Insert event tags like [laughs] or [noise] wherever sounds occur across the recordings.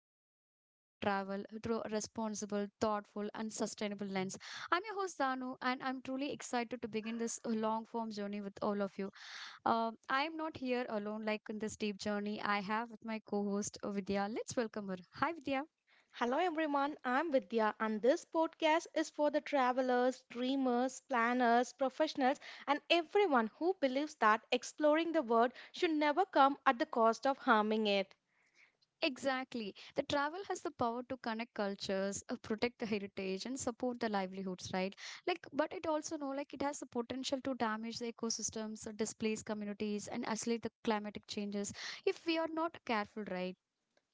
explore the future of travel through a responsible, thoughtful, and sustainable lens. I'm your host, Danu, and I'm truly excited to begin this long form journey with all of you. I am not here alone, like in this deep journey. I have with my co host, Vidya. Let's welcome her. Hi, Vidya. Hello everyone, I'm Vidya and this podcast is for the travelers, dreamers, planners, professionals and everyone who believes that exploring the world should never come at the cost of harming it. Exactly. The travel has the power to connect cultures, protect the heritage, and support the livelihoods, right? Like, but it also know like it has the potential to damage the ecosystems, displace communities, and accelerate the climatic changes if we are not careful, right?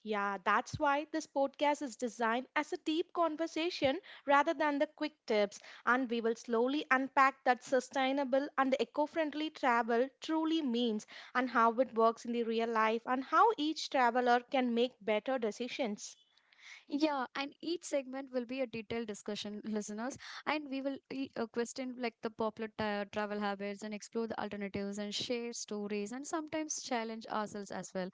Yeah, that's why this podcast is designed as a deep conversation rather than the quick tips and we will slowly unpack that sustainable and eco-friendly travel truly means and how it works in the real life and how each traveler can make better decisions. Yeah, and each segment will be a detailed discussion, listeners, and we will question like the travel habits and explore the alternatives and share stories and sometimes challenge ourselves as well.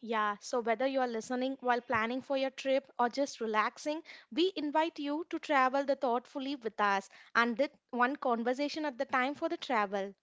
Yeah, so whether you are listening while planning for your trip or just relaxing, we invite you to travel the thoughtfully with us and that one conversation at the time for the travel.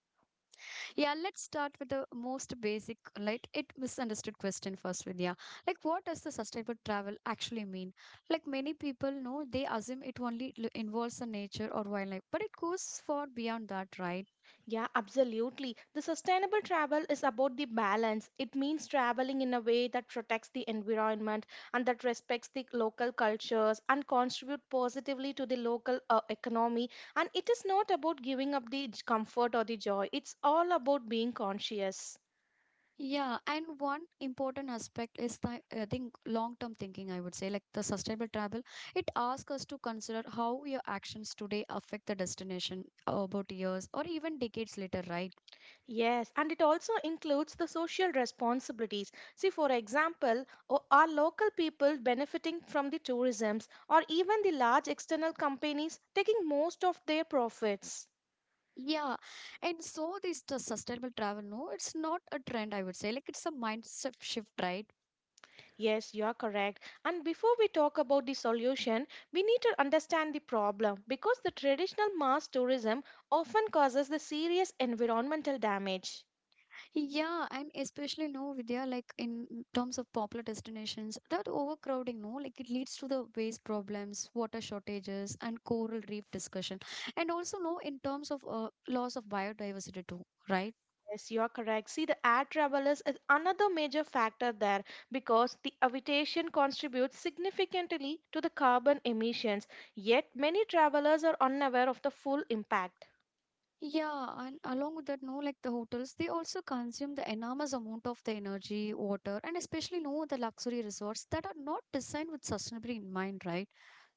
Yeah, let's start with the most basic, like it misunderstood question first, Vidya. Like, what does the sustainable travel actually mean? Like, many people know they assume it involves the nature or wildlife, but it goes far beyond that, right? Yeah, absolutely. The sustainable travel is about the balance. It means traveling in a way that protects the environment and that respects the local cultures and contribute positively to the local economy. And it is not about giving up the comfort or the joy. It's all about being conscious. Yeah, and one important aspect is the I think long-term thinking. I would say, like the sustainable travel, it asks us to consider how your actions today affect the destination about years or even decades later, right? Yes, and it also includes the social responsibilities. See, for example, are local people benefiting from the tourisms or even the large external companies taking most of their profits? Yeah, and so this the sustainable travel, no, it's not a trend, I would say. Like it's a mindset shift, right? Yes, you are correct. And before we talk about the solution, we need to understand the problem because the traditional mass tourism often causes the serious environmental damage. Yeah, and especially no, Vidya, like in terms of popular destinations, that overcrowding, no, like it leads to the waste problems, water shortages, and coral reef discussion, and also no, in terms of loss of biodiversity too, right? Yes, you are correct. See, the air travelers is another major factor there because the aviation contributes significantly to the carbon emissions. Yet, many travelers are unaware of the full impact. Yeah, and along with that, no, like the hotels, they also consume the enormous amount of the energy, water, and especially no the luxury resorts that are not designed with sustainability in mind, right?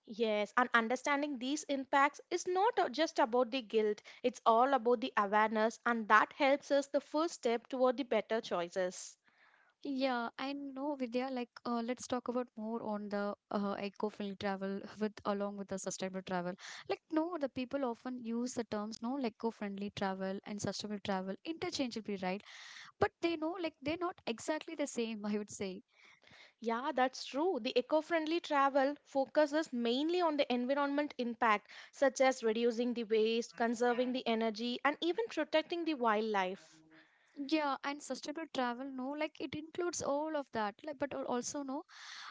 Yes, and understanding these impacts is not just about the guilt, it's all about the awareness, and that helps us the first step toward the better choices. Yeah, I know, Vidya. Like, let's talk about more on the eco-friendly travel [laughs] with along with the sustainable travel. Like, no, the people often use the terms no like eco-friendly travel and sustainable travel interchangeably, right? But they know, like, they're not exactly the same. [laughs] I would say. Yeah, that's true. The eco friendly travel focuses mainly on the environment impact, such as reducing the waste, conserving the energy, and even protecting the wildlife. Yeah, and sustainable travel, no, like it includes all of that, like, but also no,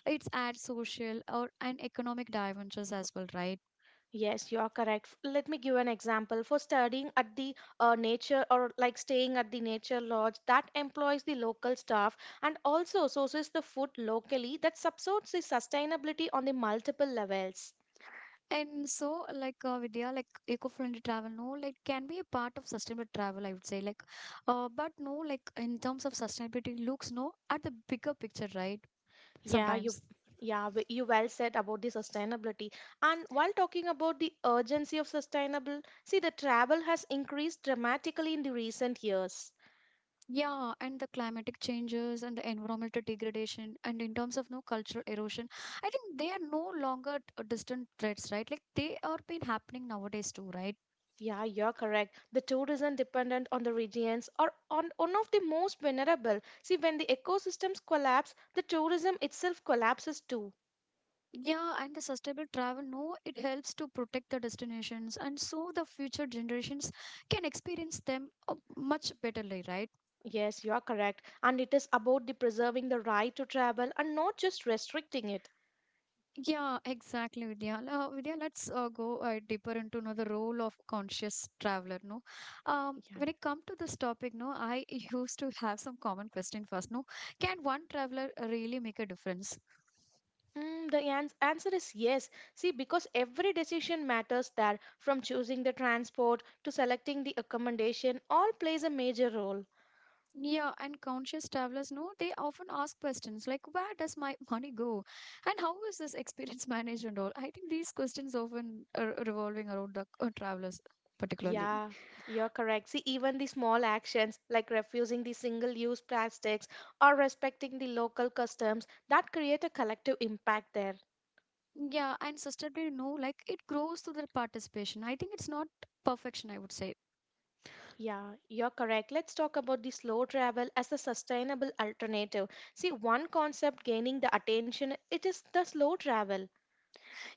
it's add social or and economic dimensions as well, right? Yes, you are correct. Let me give an example. For studying at the nature or like staying at the nature lodge, that employs the local staff and also sources the food locally that supports the sustainability on the multiple levels. And so, like Vidya, like eco-friendly travel, no, like can be a part of sustainable travel, I would say, like, but no, like in terms of sustainability, looks no at the bigger picture, right? Yeah, you Sometimes. yeah, you well said about the sustainability. And while talking about the urgency of sustainable, see the travel has increased dramatically in the recent years. Yeah, and the climatic changes and the environmental degradation, and in terms of no cultural erosion, I think they are no longer distant threats, right? Like they are been happening nowadays too, right? Yeah, you're correct. The tourism dependent on the regions are on one of the most vulnerable. See, when the ecosystems collapse, the tourism itself collapses too. Yeah, and the sustainable travel, no, it helps to protect the destinations, and so the future generations can experience them much betterly, right? Yes, you are correct. And it is about the preserving the right to travel and not just restricting it. Yeah, exactly, Vidya. Vidya, let's go deeper into know, the role of conscious traveler. No, Yeah. when it come to this topic, no, I [laughs] used to have some common question first. No, can one traveler really make a difference? The answer is yes. See, because every decision matters there, from choosing the transport to selecting the accommodation, all plays a major role. Yeah, and conscious travelers, no, they often ask questions like, where does my [laughs] money go? And how is this experience [laughs] managed and all? I think these questions often are revolving around the travelers, particularly. Yeah, you're correct. See, even the small actions like refusing the single-use plastics or respecting the local customs that create a collective impact there. Yeah, and sustainably, no, like it grows through the participation. I think it's not perfection, I would say. Yeah, you're correct. Let's talk about the slow travel as a sustainable alternative. See, one concept gaining the attention, it is the slow travel.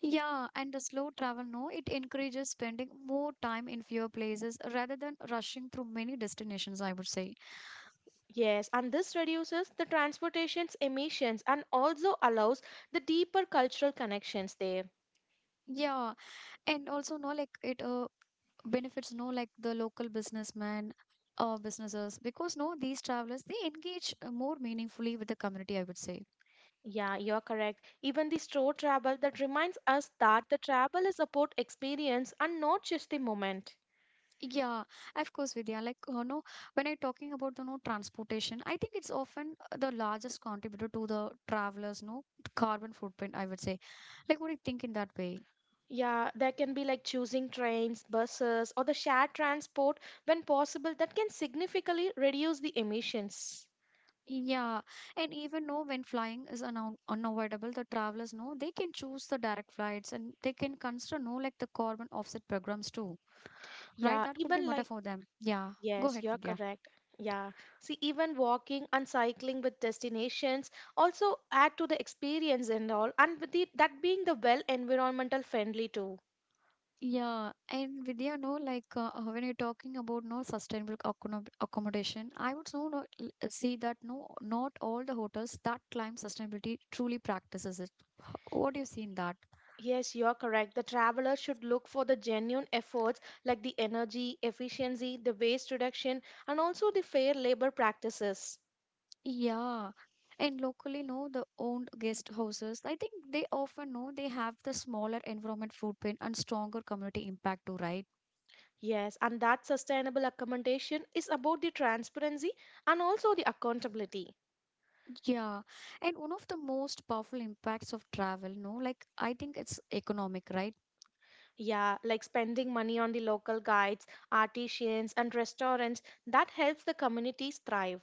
Yeah, and the slow travel, no, it encourages spending more time in fewer places rather than rushing through many destinations, I would say. Yes, and this reduces the transportation's emissions and also allows the deeper cultural connections there. Yeah, and also, no, like it benefits, no, like the local businessmen or businesses because, no, these travelers, they engage more meaningfully with the community, I would say. Yeah, you're correct. Even the straw travel that reminds us that the travel is about experience and not just the moment. Yeah, of course, Vidya. Like, you know, when I'm talking about the no transportation, I think it's often the largest contributor to the travelers, no carbon footprint. I would say, like, what do you think in that way? Yeah, there can be like choosing trains, buses, or the shared transport when possible that can significantly reduce the emissions. Yeah, and even know when flying is uno unavoidable, the travelers know they can choose the direct flights and they can consider no like the carbon offset programs too, right? Yeah, That could be even matter like. for them. Yeah, go Yes, ahead, you're Vidya. correct. Yeah. See, even walking and cycling with destinations also add to the experience and all, and with the, that being the well environmental friendly too. Yeah, and Vidya, no, like when you're talking about no sustainable accommodation, I would so not see that no, not all the hotels that climb sustainability truly practices it. What do you see in that? Yes, you're correct. The traveler should look for the genuine efforts like the energy efficiency, the waste reduction, and also the fair labor practices. Yeah, and locally, no, the owned guest houses, I think they often know they have the smaller environment footprint and stronger community impact too, right? Yes, and that sustainable accommodation is about the transparency and also the accountability. Yeah, and one of the most powerful impacts of travel, no, like I think it's economic, right? Yeah, like spending money on the local guides, artisans, and restaurants that helps the communities thrive.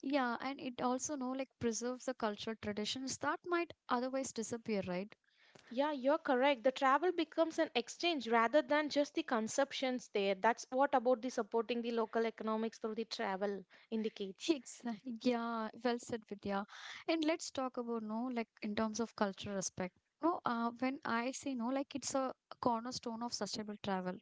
Yeah, and it also know like preserves the cultural traditions that might otherwise disappear, right? Yeah, you're correct. The travel becomes an exchange rather than just the consumptions there. That's what about the supporting the local economics through the travel [laughs] indicates. Exactly. Yeah, well said, Vidya. And let's talk about no like in terms of cultural respect. No, when I say no, like it's a cornerstone of sustainable travel.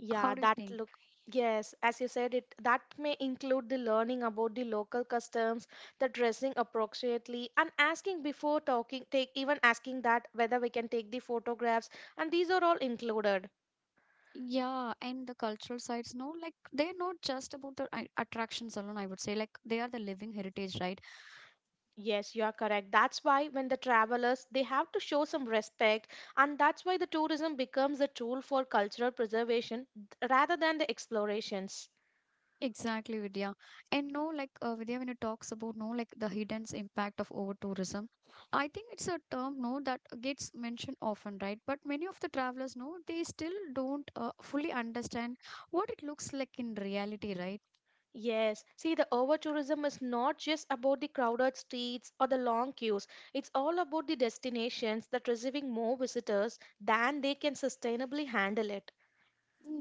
Yeah, How do you that think? look. Yes, as you said, it that may include the learning about the local customs, the dressing appropriately, and asking before talking, take even asking that whether we can take the photographs, and these are all included. Yeah, and the cultural sites, no, like they're not just about the attractions alone, I would say. Like they are the living heritage, right? Yes, you are correct. That's why when the travelers, they have to show some respect, and that's why the tourism becomes a tool for cultural preservation rather than the explorations. Exactly, Vidya. And no, like Vidya, when you talks about no, like the hidden impact of over tourism, I think it's a term no that gets mentioned often, right? But many of the travelers know they still don't fully understand what it looks like in reality, right? Yes, see, the over tourism is not just about the crowded streets or the long queues. It's all about the destinations that receiving more visitors than they can sustainably handle it.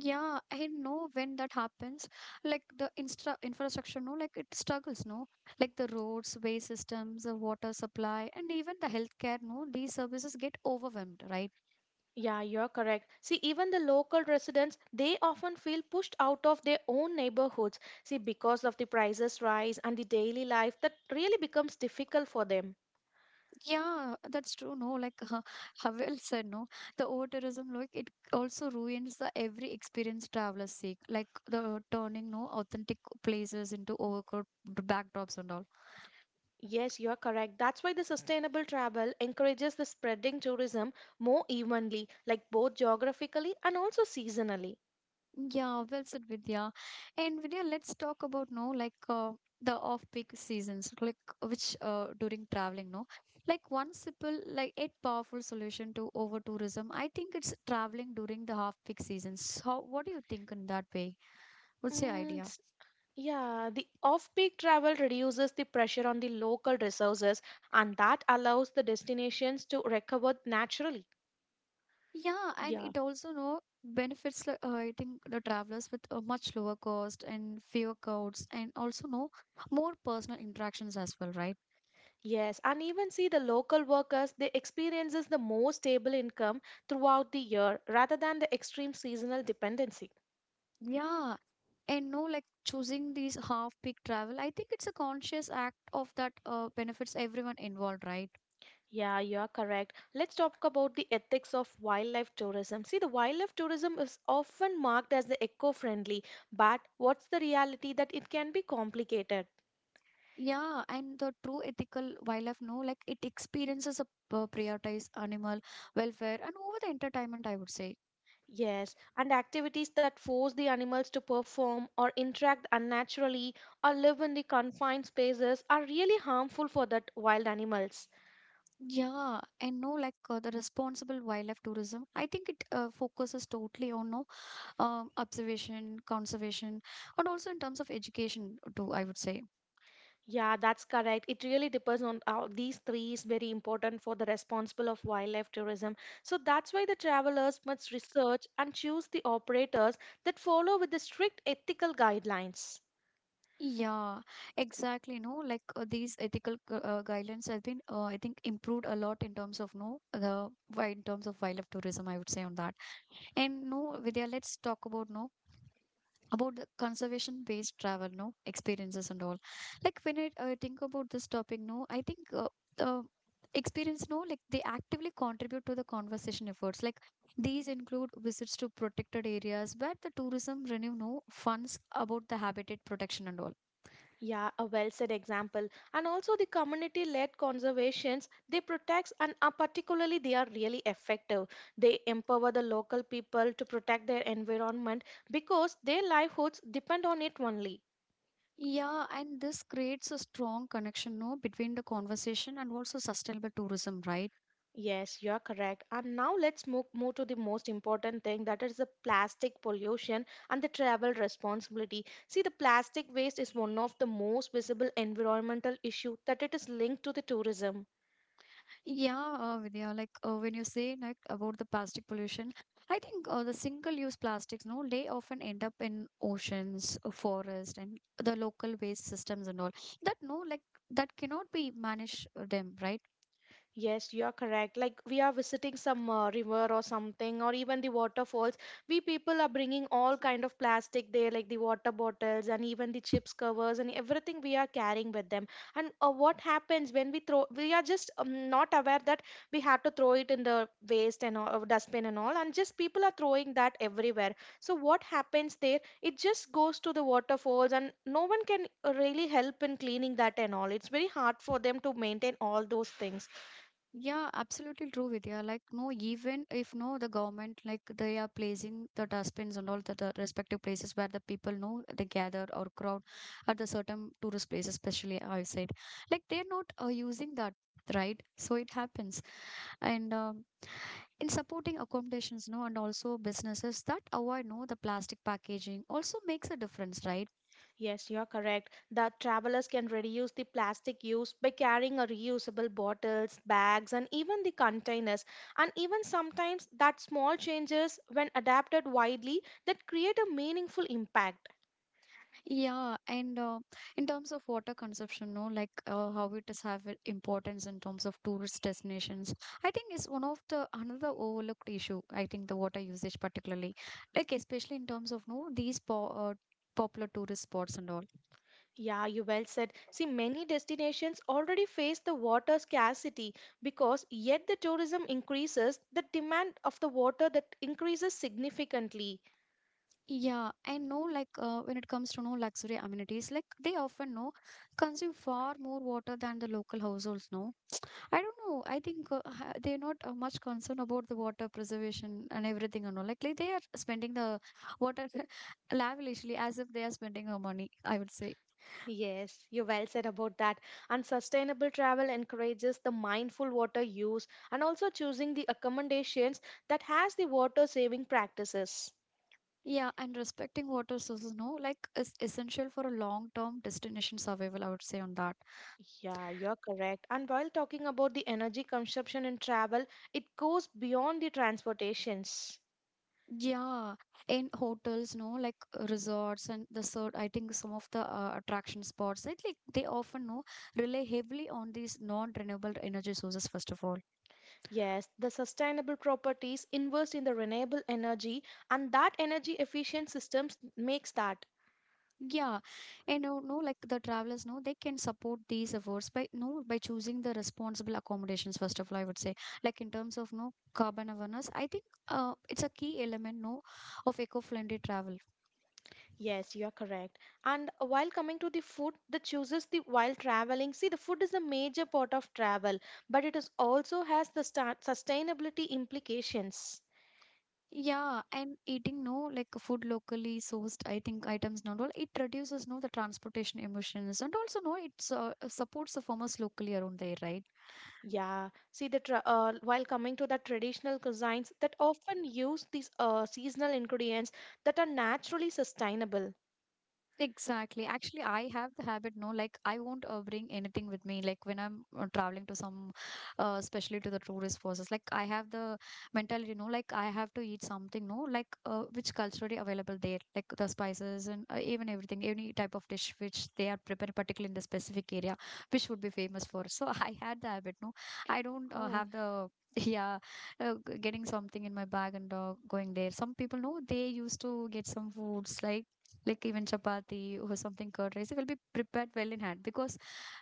Yeah, I know when that happens, like the instra infrastructure, no, like it struggles, no, like the roads, way systems, the water supply, and even the healthcare, no, these services get overwhelmed, right? Yeah, you're correct. See, even the local residents, they often feel pushed out of their own neighborhoods. See, because of the prices rise and the daily life that really becomes difficult for them. Yeah, that's true. No, like [laughs] Havel said, no, the over tourism, like it also ruins the every experience travelers seek, like the turning no authentic places into overcoat backdrops and all. Yes, you're correct. That's why the sustainable travel encourages the spreading tourism more evenly, like both geographically and also seasonally. Yeah, well said, Vidya. And Vidya, let's talk about no, like the off-peak seasons, like which during traveling, no, like one simple, like yet powerful solution to over tourism. I think it's traveling during the half-peak seasons. How? What do you think in that way? What's your Mm, idea? s- yeah, the off-peak travel reduces the pressure on the local resources and that allows the destinations to recover naturally. Yeah, and Yeah. it also know benefits like, I think the travelers with a much lower cost and fewer crowds and also know more personal interactions as well, right? Yes, and even see the local workers, they experiences the more stable income throughout the year rather than the extreme seasonal dependency. Yeah. And no like choosing these half peak travel, I think it's a conscious act of that benefits everyone involved, right? Yeah, you are correct. Let's talk about the ethics of wildlife tourism. See, the wildlife tourism is often marked as the eco-friendly, but what's the reality that it can be complicated? Yeah, and the true ethical wildlife, no, like it experiences a prioritized animal welfare and over the entertainment, I would say. Yes, and activities that force the animals to perform or interact unnaturally or live in the confined spaces are really harmful for that wild animals. Yeah, and no, like the responsible wildlife tourism, I think it focuses totally on no observation, conservation, and also in terms of education too, I would say. Yeah, that's correct. It really depends on these three is very important for the responsible of wildlife tourism. So that's why the travelers must research and choose the operators that follow with the strict ethical guidelines. Yeah, exactly. No, like these ethical guidelines have been, I think, improved a lot in terms of no, in terms of wildlife tourism, I would say on that. And no, Vidya, let's talk about no about the conservation based travel no experiences and all like when I think about this topic no I think uh, experience no like they actively contribute to the conservation efforts like these include visits to protected areas where the tourism renew no funds about the habitat protection and all. Yeah, a well said example. And also the community-led conservations, they protect and are particularly they are really effective. They empower the local people to protect their environment because their livelihoods depend on it only. Yeah, and this creates a strong connection no between the conservation and also sustainable tourism, right? Yes, you are correct. And now let's move to the most important thing that is the plastic pollution and the travel responsibility. See, the plastic waste is one of the most visible environmental issue that it is linked to the tourism. Yeah, Vidya, like when you say like about the plastic pollution, I think the single-use plastics, no, they often end up in oceans, forest, and the local waste systems and all. That no, like that cannot be managed them, right? Yes, you are correct. Like we are visiting some river or something, or even the waterfalls. We people are bringing all kind of plastic there, like the water bottles and even the chips covers and everything we are carrying with them. And what happens when we throw? We are just not aware that we have to throw it in the waste and all, dustbin and all, and just people are throwing that everywhere. So what happens there? It just goes to the waterfalls, and no one can really help in cleaning that and all. It's very hard for them to maintain all those things. Yeah, absolutely true, Vidya. Like no, even if no, the government like they are placing the dustbins and all the respective places where the people know they gather or crowd at the certain tourist places, especially outside. Like they're not using that, right? So it happens. And in supporting accommodations no and also businesses that avoid no the plastic packaging also makes a difference, right? Yes, you're correct. The travelers can reduce the plastic use by carrying a reusable bottles, bags, and even the containers. And even sometimes that small changes, when adapted widely, that create a meaningful impact. Yeah, and in terms of water consumption no like how it is have it importance in terms of tourist destinations, I think is one of the another overlooked issue. I think the water usage particularly, like especially in terms of no these popular tourist spots and all. Yeah, you well said. See, many destinations already face the water scarcity because yet the tourism increases, the demand of the water that increases significantly. Yeah, I know like when it comes to no luxury amenities, like they often know consume far more water than the local households. No, I don't know. I think they're not much concerned about the water preservation and everything and all. Like they are spending the water [laughs] lavishly as if they are spending our money, I would say. Yes, you well said about that. And sustainable travel encourages the mindful water use and also choosing the accommodations that has the water saving practices. Yeah, and respecting water sources, no, like is essential for a long-term destination survival, I would say on that. Yeah, you're correct. And while talking about the energy consumption in travel, it goes beyond the transportations. Yeah, in hotels, no, like resorts and the sort, I think some of the attraction spots, I think they often no rely heavily on these non-renewable energy sources, first of all. Yes, the sustainable properties invest in the renewable energy and that energy efficient systems makes that. Yeah, and no, like the travelers, no, they can support these efforts by no by choosing the responsible accommodations, first of all, I would say, like in terms of no carbon awareness, I think it's a key element, no, of eco-friendly travel. Yes, you are correct. And while coming to the food, the chooses the while traveling. See, the food is the major part of travel, but it is also has the sustainability implications. Yeah, and eating no like food locally sourced, I think items not all. It reduces no the transportation emissions and also no it's supports the farmers locally around there, right? Yeah, see the while coming to the traditional cuisines that often use these seasonal ingredients that are naturally sustainable. Exactly. Actually, I have the habit, no, like I won't bring anything with me. Like when I'm traveling to some, especially to the tourist places, like I have the mentality, no, like I have to eat something, no, like which culturally available there, like the spices and even everything, any type of dish which they are preparing, particularly in the specific area, which would be famous for. So [laughs] I had the habit, no, I don't Oh, have the. [laughs] Yeah, getting something in my bag and going there. Some people know they used to get some foods like even chapati or something curd rice it will be prepared well in hand because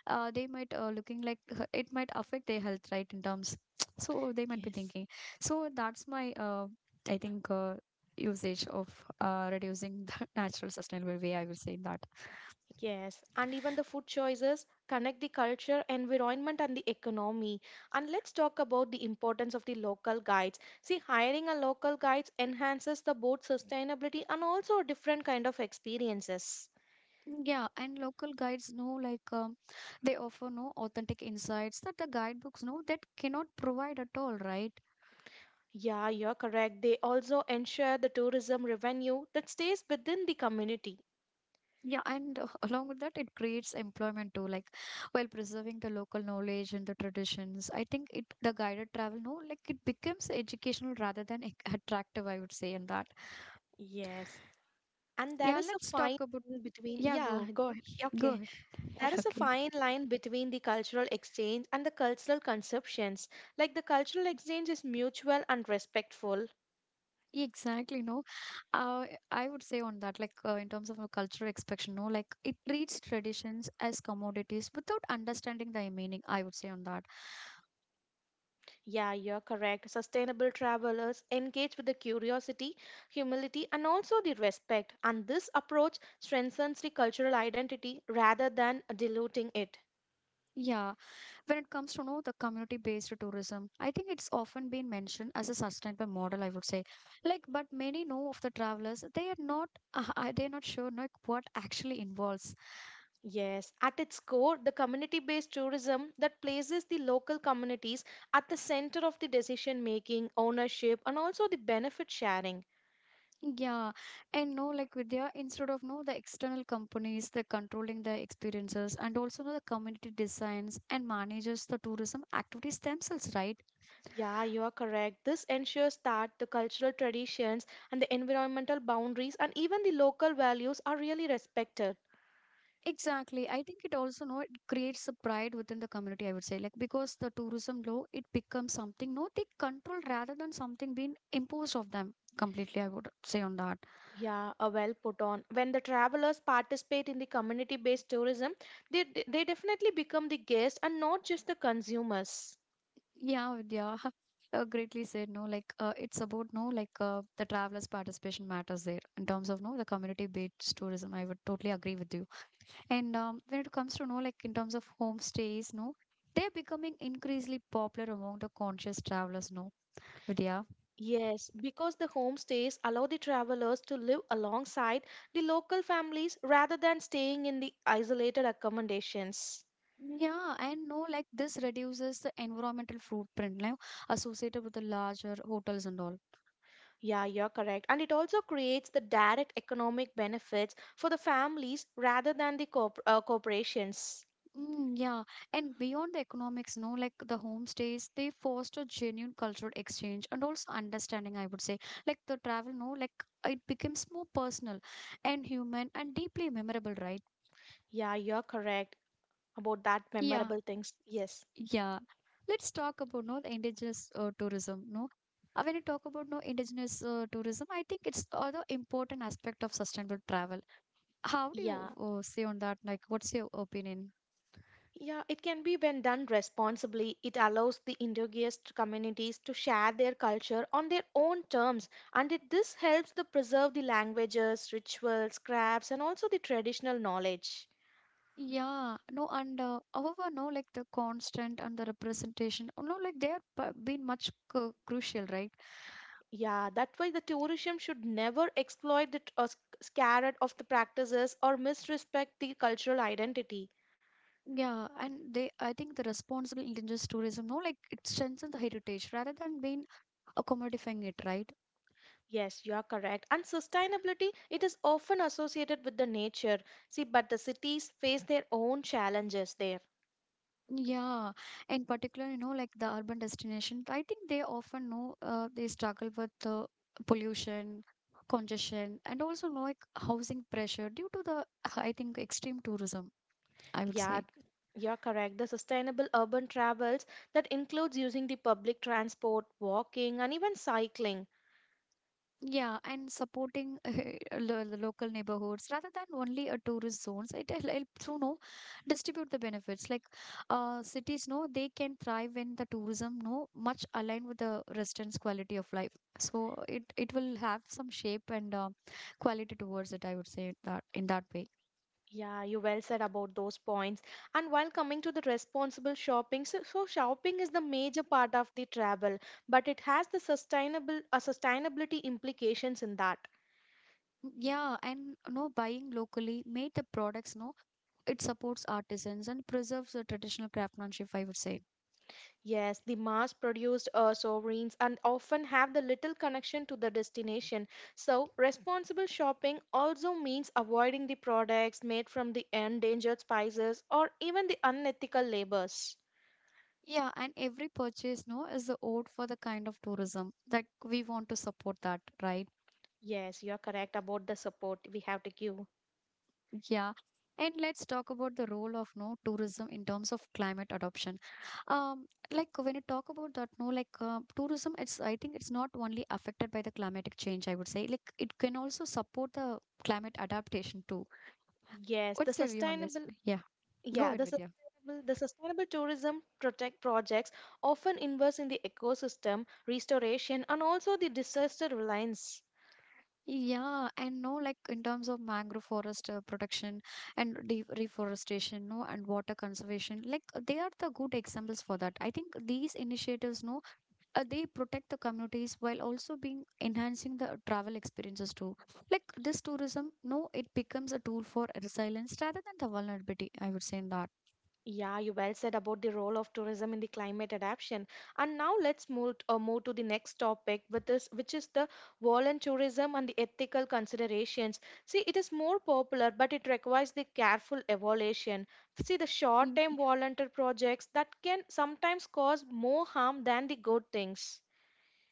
they might looking like it might affect their health right in terms [tsk] so they might be yes. thinking so that's my I think usage of reducing the [laughs] natural sustainable way I will say that. Yes, and even the food choices connect the culture, environment, and the economy. And let's talk about the importance of the local guides. See, hiring a local guides enhances the both sustainability and also different kind of experiences. Yeah, and local guides know like they offer no authentic insights that the guidebooks know that cannot provide at all, right? Yeah, you're correct. They also ensure the tourism revenue that stays within the community. Yeah, and along with that, it creates employment too, like while preserving the local knowledge and the traditions. I think it the guided travel, no, like it becomes educational rather than attractive, I would say, in that. Yes, and there Yeah, is a let's fine talk about. line between. Yeah, Yeah, go go ahead. Yeah, okay. ahead. There [laughs] is a Okay. fine line between the cultural exchange and the cultural conceptions. Like the cultural exchange is mutual and respectful. Exactly, no. Uh, I would say on that, like in terms of a cultural expression, no, like it treats traditions as commodities without understanding the meaning. I would say on that. Yeah, you're correct. Sustainable travelers engage with the curiosity, humility, and also the respect. And this approach strengthens the cultural identity rather than diluting it. Yeah, when it comes to know the community based tourism I think it's often been mentioned as a sustainable model, I would say. Like but many know of the travelers they are not they're not sure like what actually involves. Yes, at its core, the community based tourism that places the local communities at the center of the decision making, ownership, and also the benefit sharing. Yeah, and no like with their instead of no the external companies they're controlling the experiences and also know the community designs and manages the tourism activities themselves, right? Yeah, you are correct. This ensures that the cultural traditions and the environmental boundaries and even the local values are really respected. Exactly. I think it also know it creates a pride within the community, I would say. Like because the tourism law, it becomes something no they control rather than something being imposed of them completely, I would say on that. Yeah, a well put on. When the travelers participate in the community based tourism, they definitely become the guests and not just the consumers. Yeah, Vidya. [laughs] Greatly said no like it's about no like the travelers participation matters there in terms of no the community based tourism I would totally agree with you. And when it comes to no like in terms of homestays no they're becoming increasingly popular among the conscious travelers, no, Vidya. Yes, because the homestays allow the travelers to live alongside the local families rather than staying in the isolated accommodations. Yeah, and no, like this reduces the environmental footprint now associated with the larger hotels and all. Yeah, you're correct. And it also creates the direct economic benefits for the families rather than the corporations. Mm, yeah, and beyond the economics, no, like the homestays, they foster genuine cultural exchange and also understanding, I would say. Like the travel, no, like it becomes more personal and human and deeply memorable, right? Yeah, you're correct about that Yeah, memorable things. Yes. yeah. Let's talk about no the indigenous tourism, no. When you talk about no indigenous tourism, I think it's other important aspect of sustainable travel. How do you Yeah. Say on that? Like, what's your opinion? Yeah, it can be when done responsibly. It allows the indigenous communities to share their culture on their own terms, and this helps to preserve the languages, rituals, crafts, and also the traditional knowledge. Yeah, no, and however, no, like the constant and the representation, oh, no, like they are been much c crucial, right? Yeah, that's why the tourism should never exploit the or scared of the practices or misrespect the cultural identity. Yeah, and they, I think the responsible indigenous tourism, no, like it strengthens the heritage rather than being commodifying it, right? Yes, you are correct. And sustainability, it is often associated with the nature. See, but the cities face their own challenges there. Yeah, in particular, you know, like the urban destination, I think they often know they struggle with the pollution, congestion, and also like housing pressure due to the, I think, extreme tourism, I would Yeah, say. you're correct. The sustainable urban travels that includes using the public transport, walking, and even cycling. Yeah, and supporting [laughs] the local neighborhoods rather than only a tourist zones. It helps to know distribute the benefits. Like cities, no, they can thrive when the tourism, no, much aligned with the residents' quality of life. So it will have some shape and quality towards it. I would say that in that way. Yeah, you well said about those points. And while coming to the responsible shopping, so shopping is the major part of the travel, but it has the sustainable sustainability implications in that. Yeah, and no buying locally made the products. No, it supports artisans and preserves the traditional craftsmanship. I would say. Yes, the mass-produced sovereigns and often have the little connection to the destination. So responsible shopping also means avoiding the products made from the endangered spices or even the unethical labors. Yeah, and every purchase, no, is the ode for the kind of tourism that we want to support that, right? Yes, you are correct about the support we have to give. Yeah. And let's talk about the role of no tourism in terms of climate adoption. Um, like when you talk about that, no, like tourism, it's I think it's not only affected by the climatic change. I would say like it can also support the climate adaptation too. Yes, the What's your view on this? sustainable Yeah, go yeah, ahead, the Vidya. sustainable, the sustainable tourism protect projects often invest in the ecosystem restoration and also the disaster reliance. Yeah, and no, like in terms of mangrove forest protection and de reforestation, no, and water conservation, like they are the good examples for that. I think these initiatives, no, they protect the communities while also being enhancing the travel experiences too. Like this tourism, no, it becomes a tool for resilience rather than the vulnerability, I would say in that. Yeah, you well said about the role of tourism in the climate adaptation. And now let's move to the next topic with this, which is the volunteerism and the ethical considerations. See, it is more popular, but it requires the careful evaluation. See, the short-term volunteer projects that can sometimes cause more harm than the good things.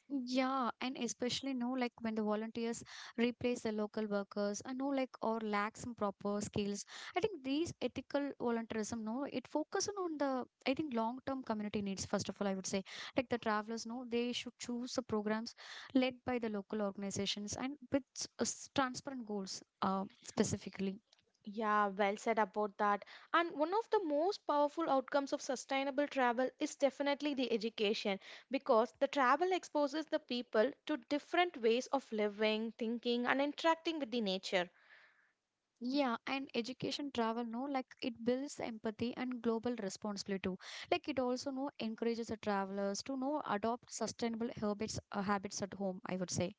Yeah, and especially no like when the volunteers replace the local workers, I know like or lack some proper skills. I think these ethical volunteerism, no, it focuses on the I think long term community needs. First of all, I would say like the travelers, no, they should choose the programs led by the local organizations and with transparent goals, specifically. Yeah, well said about that. And one of the most powerful outcomes of sustainable travel is definitely the education because the travel exposes the people to different ways of living, thinking, and interacting with the nature. Yeah, and education travel, no, like it builds empathy and global responsibility too. Like it also no encourages the travelers to know adopt sustainable habits habits at home, I would say.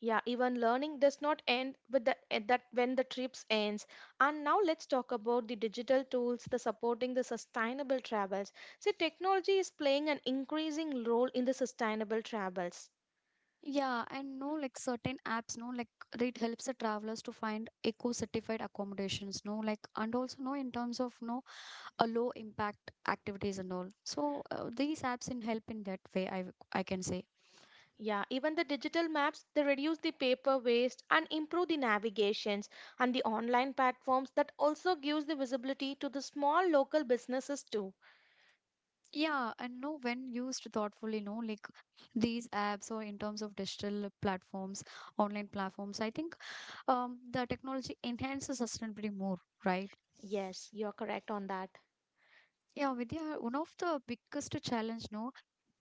Yeah, even learning does not end with the at that when the trips ends. And now let's talk about the digital tools, the supporting the sustainable travels. See, technology is playing an increasing role in the sustainable travels. Yeah, and no, like certain apps, no, like it helps the travelers to find eco-certified accommodations, no, like and also no in terms of no a low impact activities and all. So these apps in help in that way, I can say. Yeah, even the digital maps, they reduce the paper waste and improve the navigations and the online platforms that also gives the visibility to the small local businesses too. Yeah, and no, when used thoughtfully, no, like these apps or in terms of digital platforms online platforms I think the technology enhances sustainability more, right? Yes, you're correct on that. Yeah, Vidya, one of the biggest challenge no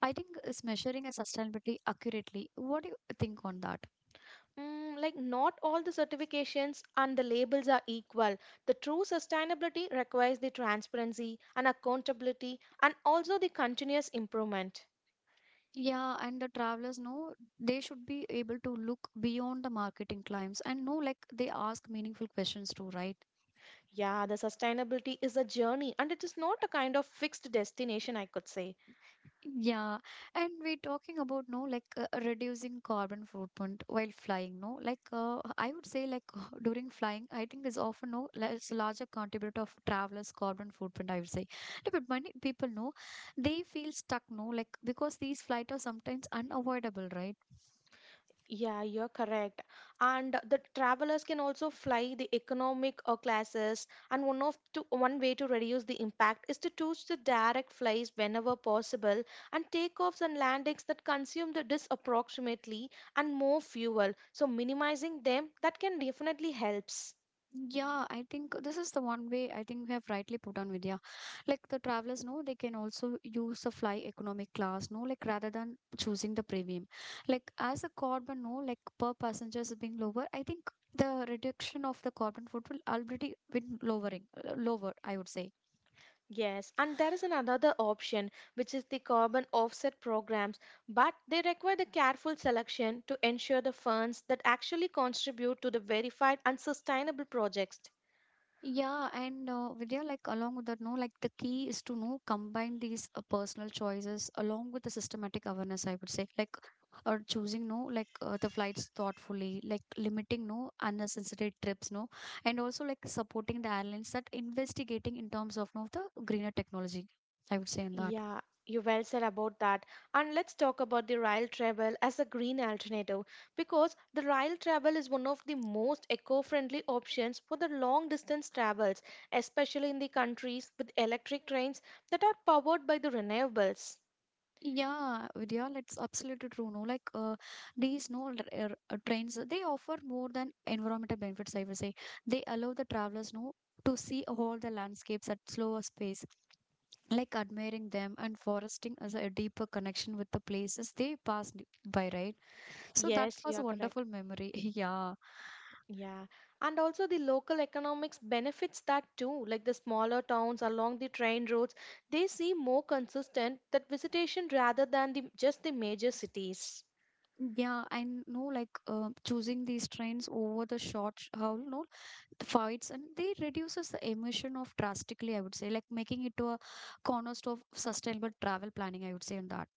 I think is measuring a sustainability accurately. What do you think on that? Mm, like not all the certifications and the labels are equal. The true sustainability requires the transparency and accountability and also the continuous improvement. Yeah, and the travelers know they should be able to look beyond the marketing claims and know like they ask meaningful questions too, right? Yeah, the sustainability is a journey and it is not a kind of fixed destination, I could say. Yeah, and we're talking about no like reducing carbon footprint while flying. No, like I would say like [laughs] during flying, I think is often no less larger contributor of travelers' carbon footprint. I would say, yeah, but many people know they feel stuck. No, like because these flights are sometimes unavoidable, right? Yeah, you're correct. And the travelers can also fly the economic classes. And one way to reduce the impact is to choose the direct flights whenever possible, and takeoffs and landings that consume the dis approximately and more fuel. So minimizing them that can definitely helps. Yeah, I think this is the one way I think we have rightly put on Vidya. Like the travelers know they can also use the fly economic class, no, like rather than choosing the premium. Like as a carbon, no, like per passenger is being lower, I think the reduction of the carbon footprint will already been lowering, lower, I would say. Yes, and there is an another option which is the carbon offset programs, but they require the careful selection to ensure the funds that actually contribute to the verified and sustainable projects. Yeah, and Vidya, like along with that, no, like the key is to know combine these personal choices along with the systematic awareness, I would say, like or choosing no, like the flights thoughtfully, like limiting no unnecessary trips, no, and also like supporting the airlines that investigating in terms of no the greener technology, I would say in that. Yeah, you well said about that. And let's talk about the rail travel as a green alternative because the rail travel is one of the most eco-friendly options for the long distance travels, especially in the countries with electric trains that are powered by the renewables. Yeah, Vidya, that's absolutely true. No, like these no trains, they offer more than environmental benefits. I will say they allow the travelers no to see all the landscapes at slower pace, like admiring them and foresting as a deeper connection with the places they passed by. Right, so that Yes, you was a are correct. wonderful memory. [laughs] Yeah. Yeah, and also the local economics benefits that too. Like the smaller towns along the train routes, they see more consistent that visitation rather than the just the major cities. Yeah, I know like choosing these trains over the short haul, no, fights and they reduces the emission of drastically, I would say, like making it to a cornerstone of sustainable travel planning, I would say on that.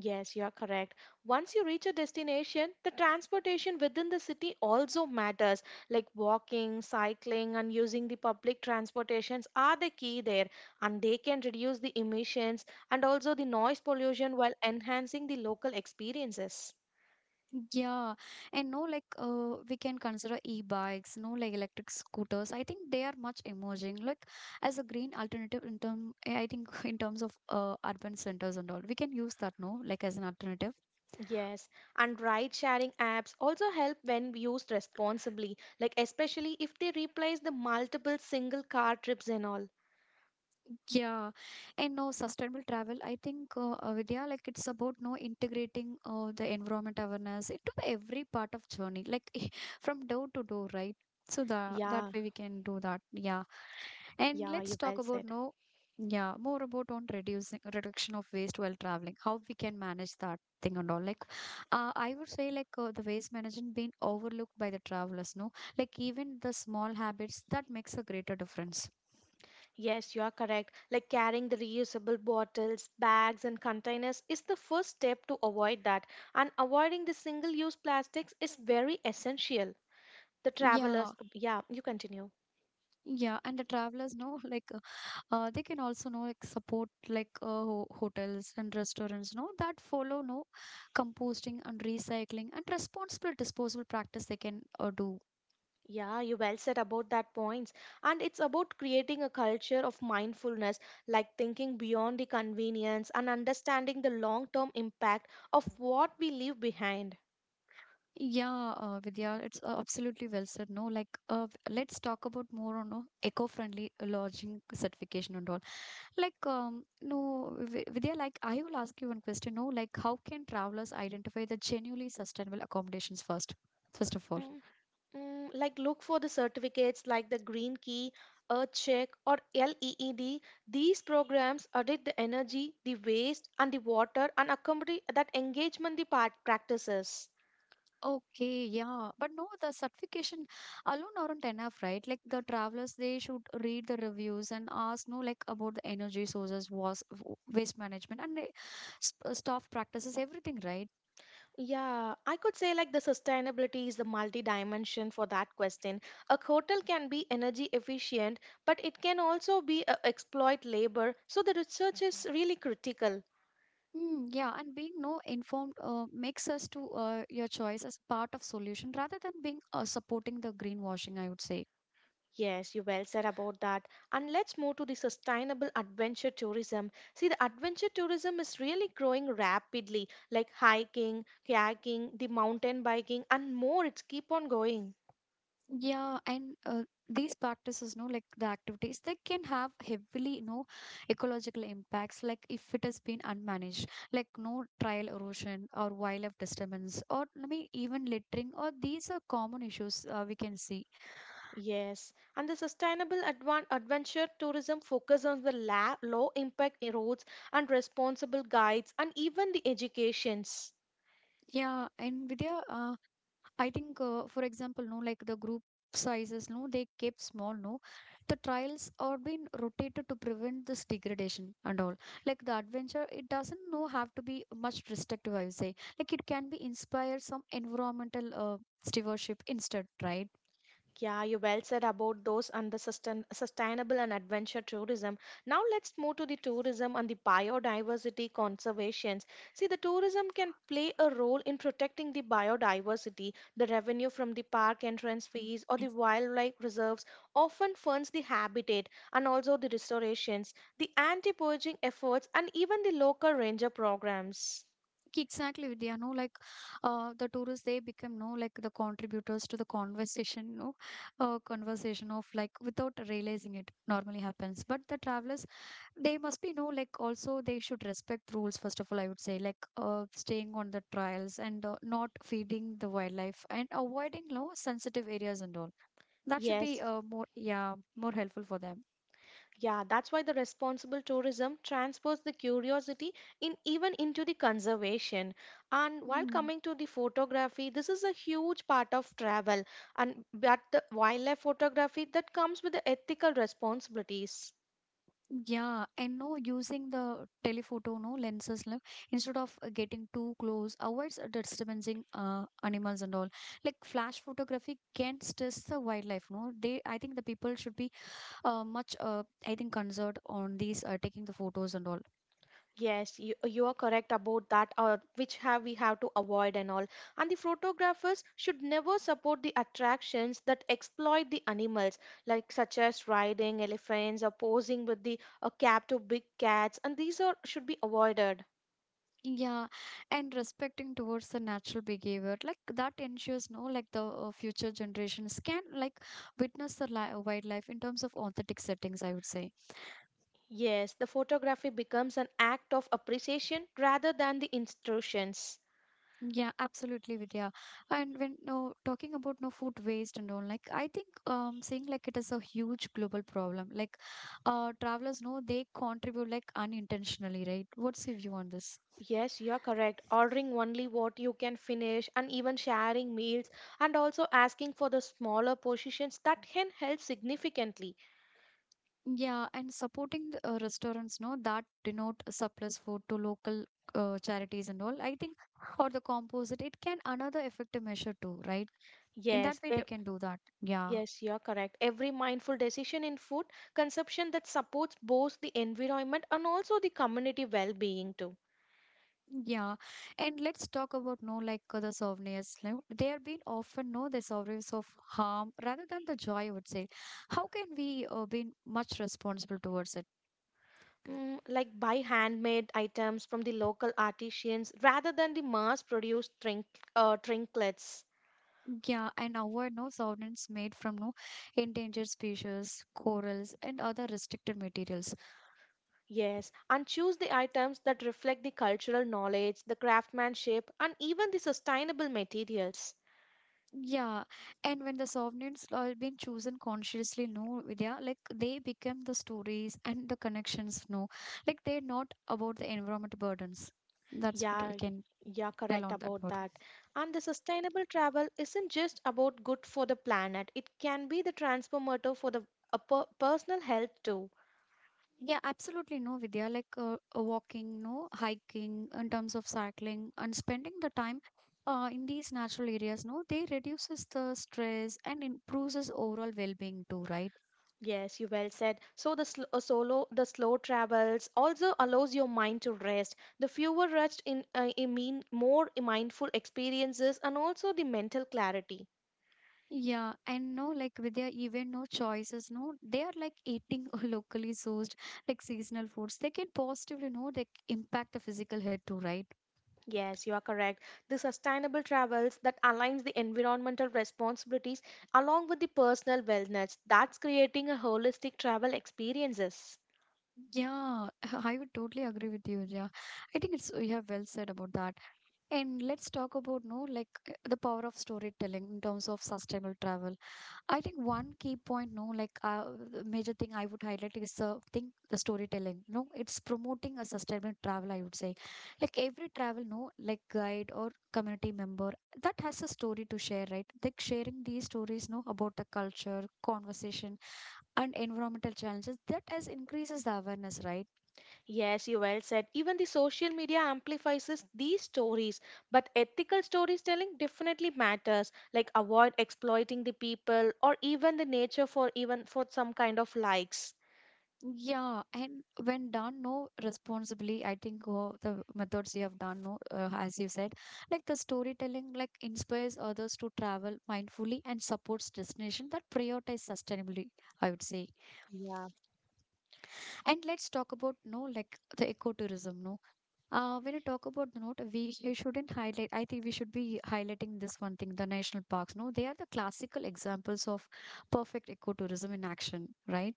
Yes, you are correct. Once you reach a destination, the transportation within the city also matters. Like walking, cycling, and using the public transportations are the key there, and they can reduce the emissions and also the noise pollution while enhancing the local experiences. Yeah, and no like we can consider e-bikes no like electric scooters I think they are much emerging like as a green alternative in term I think [laughs] in terms of urban centers and all we can use that no like as an alternative. Yes, and ride sharing apps also help when used responsibly, like especially if they replace the multiple single car trips and all. Yeah, and no sustainable travel. I think Vidya, like it's about no integrating the environment awareness into every part of journey, like [laughs] from door to door, right? So the that Yeah, way we can do that. Yeah, and yeah, let's you well talk about said. no, yeah, more about on reducing reduction of waste while traveling. How we can manage that thing and all. Like, I would say like the waste management being overlooked by the travelers. No, like even the small habits that makes a greater difference. Yes, you are correct. Like carrying the reusable bottles, bags, and containers is the first step to avoid that. And avoiding the single use plastics is very essential. The Yeah. travelers, yeah, you continue. Yeah, and the travelers know [laughs] they can also know like support like ho hotels and restaurants know that follow no composting and recycling and responsible disposal practice they can do. Yeah, you well said about that points. And it's about creating a culture of mindfulness, like thinking beyond the convenience and understanding the long-term impact of what we leave behind. Yeah, Vidya, it's absolutely well said. No, like let's talk about more on eco-friendly lodging certification and all. Like no, Vidya, like I will ask you one question. No, like how can travelers identify the genuinely sustainable accommodations first? First of all. Mm, mm, like look for the certificates like the Green Key, Earth Check, or LEED. These programs audit the energy, the waste, and the water, and accompany that engagement the part practices. Okay, yeah. But no, the certification alone aren't enough, right? Like the travelers, they should read the reviews and ask, no, like about the energy sources, waste management, and staff practices, everything, right? Yeah, I could say like the sustainability is the multi-dimension for that question. A hotel can be energy efficient, but it can also be exploit labor. So the research is really critical. Mm, yeah, and being no informed makes us to your choice as part of solution rather than being supporting the greenwashing, I would say. Yes, you well said about that. And let's move to the sustainable adventure tourism. See, the adventure tourism is really growing rapidly, like hiking, kayaking, the mountain biking, and more. It's keep on going. Yeah, and these practices, no, like the activities, they can have heavily, you know, ecological impacts. Like if it has been unmanaged, like no trial erosion or wildlife disturbance, or I mean, even littering, or these are common issues we can see. Yes, and the sustainable adventure tourism focus on the low impact roads and responsible guides and even the educations. Yeah, and Vidya, I think, for example, no, like the group sizes, no, they kept small, no. The trials are being rotated to prevent this degradation and all. Like the adventure, it doesn't no have to be much restrictive. I would say, like it can be inspire some environmental stewardship instead, right? Yeah, you well said about those and the sustainable and adventure tourism. Now let's move to the tourism and the biodiversity conservations. See, the tourism can play a role in protecting the biodiversity. The revenue from the park entrance fees or the wildlife reserves often funds the habitat and also the restorations, the anti-poaching efforts, and even the local ranger programs. Exactly, Vidya. No, like the tourists, they become no like the contributors to the conversation, no, conversation of like without realizing it normally happens. But the travelers they must be no like also they should respect rules first of all I would say like staying on the trials and not feeding the wildlife and avoiding low sensitive areas and all that should be Yes. More yeah more helpful for them Yeah, that's why the responsible tourism transfers the curiosity in even into the conservation. And while mm. coming to the photography, this is a huge part of travel and but the wildlife photography that comes with the ethical responsibilities. Yeah and no using the telephoto no lenses like, instead of getting too close avoids disturbing animals and all like flash photography can stress the wildlife no they I think the people should be much I think concerned on these taking the photos and all. Yes, you are correct about that, which have we have to avoid and all. And the photographers should never support the attractions that exploit the animals, like such as riding elephants or posing with the captive big cats, and these are should be avoided. Yeah, and respecting towards the natural behavior, like that ensures no, like the future generations can like witness the li wildlife in terms of authentic settings, I would say. Yes, the photography becomes an act of appreciation rather than the instructions. Yeah, absolutely, Vidya. And when no talking about no food waste and all, like I think saying like it is a huge global problem. Like travelers know they contribute like unintentionally, right? What's your view on this? Yes, you are correct. Ordering only what you can finish and even sharing meals and also asking for the smaller portions that can help significantly. Yeah, and supporting the, restaurants, no, that denote surplus food to local charities and all. I think or the composite, it can another effective measure too, right? In that Yes, way, e- they can do that. Yeah. yes, you are correct. Every mindful decision in food consumption that supports both the environment and also the community well-being too. Yeah, and let's talk about no like the souvenirs. No? They are being often no the souvenirs of harm rather than the joy. I would say, how can we be much responsible towards it? Mm, like buy handmade items from the local artisans rather than the trinkets. Yeah, and avoid no souvenirs made from no endangered species, corals, and other restricted materials. Yes, and choose the items that reflect the cultural knowledge, the craftsmanship, and even the sustainable materials. Yeah, and when the souvenirs are being chosen consciously, no, Vidya, like they become the stories and the connections. No, like they're not about the environment burdens. That's what we Yeah, can you're tell correct on that about one. that. And the sustainable travel isn't just about good for the planet, it can be the transformative for the personal health too. Yeah, absolutely no, Vidya. Like walking, no hiking, in terms of cycling, and spending the time in these natural areas, no, they reduces the stress and improves his overall well-being too, right? Yes, you well said. So the solo, the slow travels also allows your mind to rest. The fewer rushed in, I mean, more mindful experiences and also the mental clarity. Yeah, and no, like Vidya, even no choices, no, they are like eating [laughs] locally sourced, like seasonal foods. They can positively, no, they impact the physical health too, right? Yes, you are correct. The sustainable travels that aligns the environmental responsibilities along with the personal wellness. That's creating a holistic travel experiences. Yeah, [laughs] I would totally agree with you. Yeah, I think it's you have well said about that. And let's talk about no like the power of storytelling in terms of sustainable travel. I think one key point, no, like the major thing I would highlight is the storytelling. No, it's promoting a sustainable travel. I would say, like every travel, no, like guide or community member that has a story to share, right? Like sharing these stories, no, about the culture, conversation, and environmental challenges that has increases the awareness, right? Yes, you well said. Even the social media amplifies these stories, but ethical storytelling definitely matters. Like avoid exploiting the people or even the nature for even for some kind of likes. Yeah, and when done no responsibly, I think the methods you have done no, as you said, like the storytelling, like inspires others to travel mindfully and supports destination that prioritize sustainably. I would say. Yeah. And let's talk about no, like the ecotourism. No, when you talk about the note, we shouldn't highlight. I think we should be highlighting this one thing: the national parks. No, they are the classical examples of perfect ecotourism in action, right?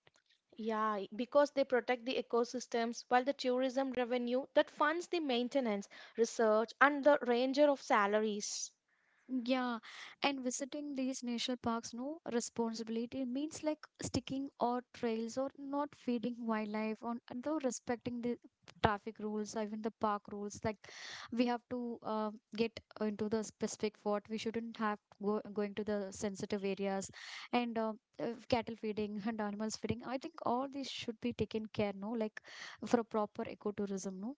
Yeah, I- because they protect the ecosystems while the tourism revenue that funds the maintenance, research, and the ranger of salaries. Yeah, and visiting these national parks, no responsibility means like sticking or trails or not feeding wildlife on and though respecting the traffic rules, even the park rules. Like we have to get into the specific what we shouldn't have go going to the sensitive areas and cattle feeding and animals feeding. I think all these should be taken care, no, like for a proper ecotourism, no.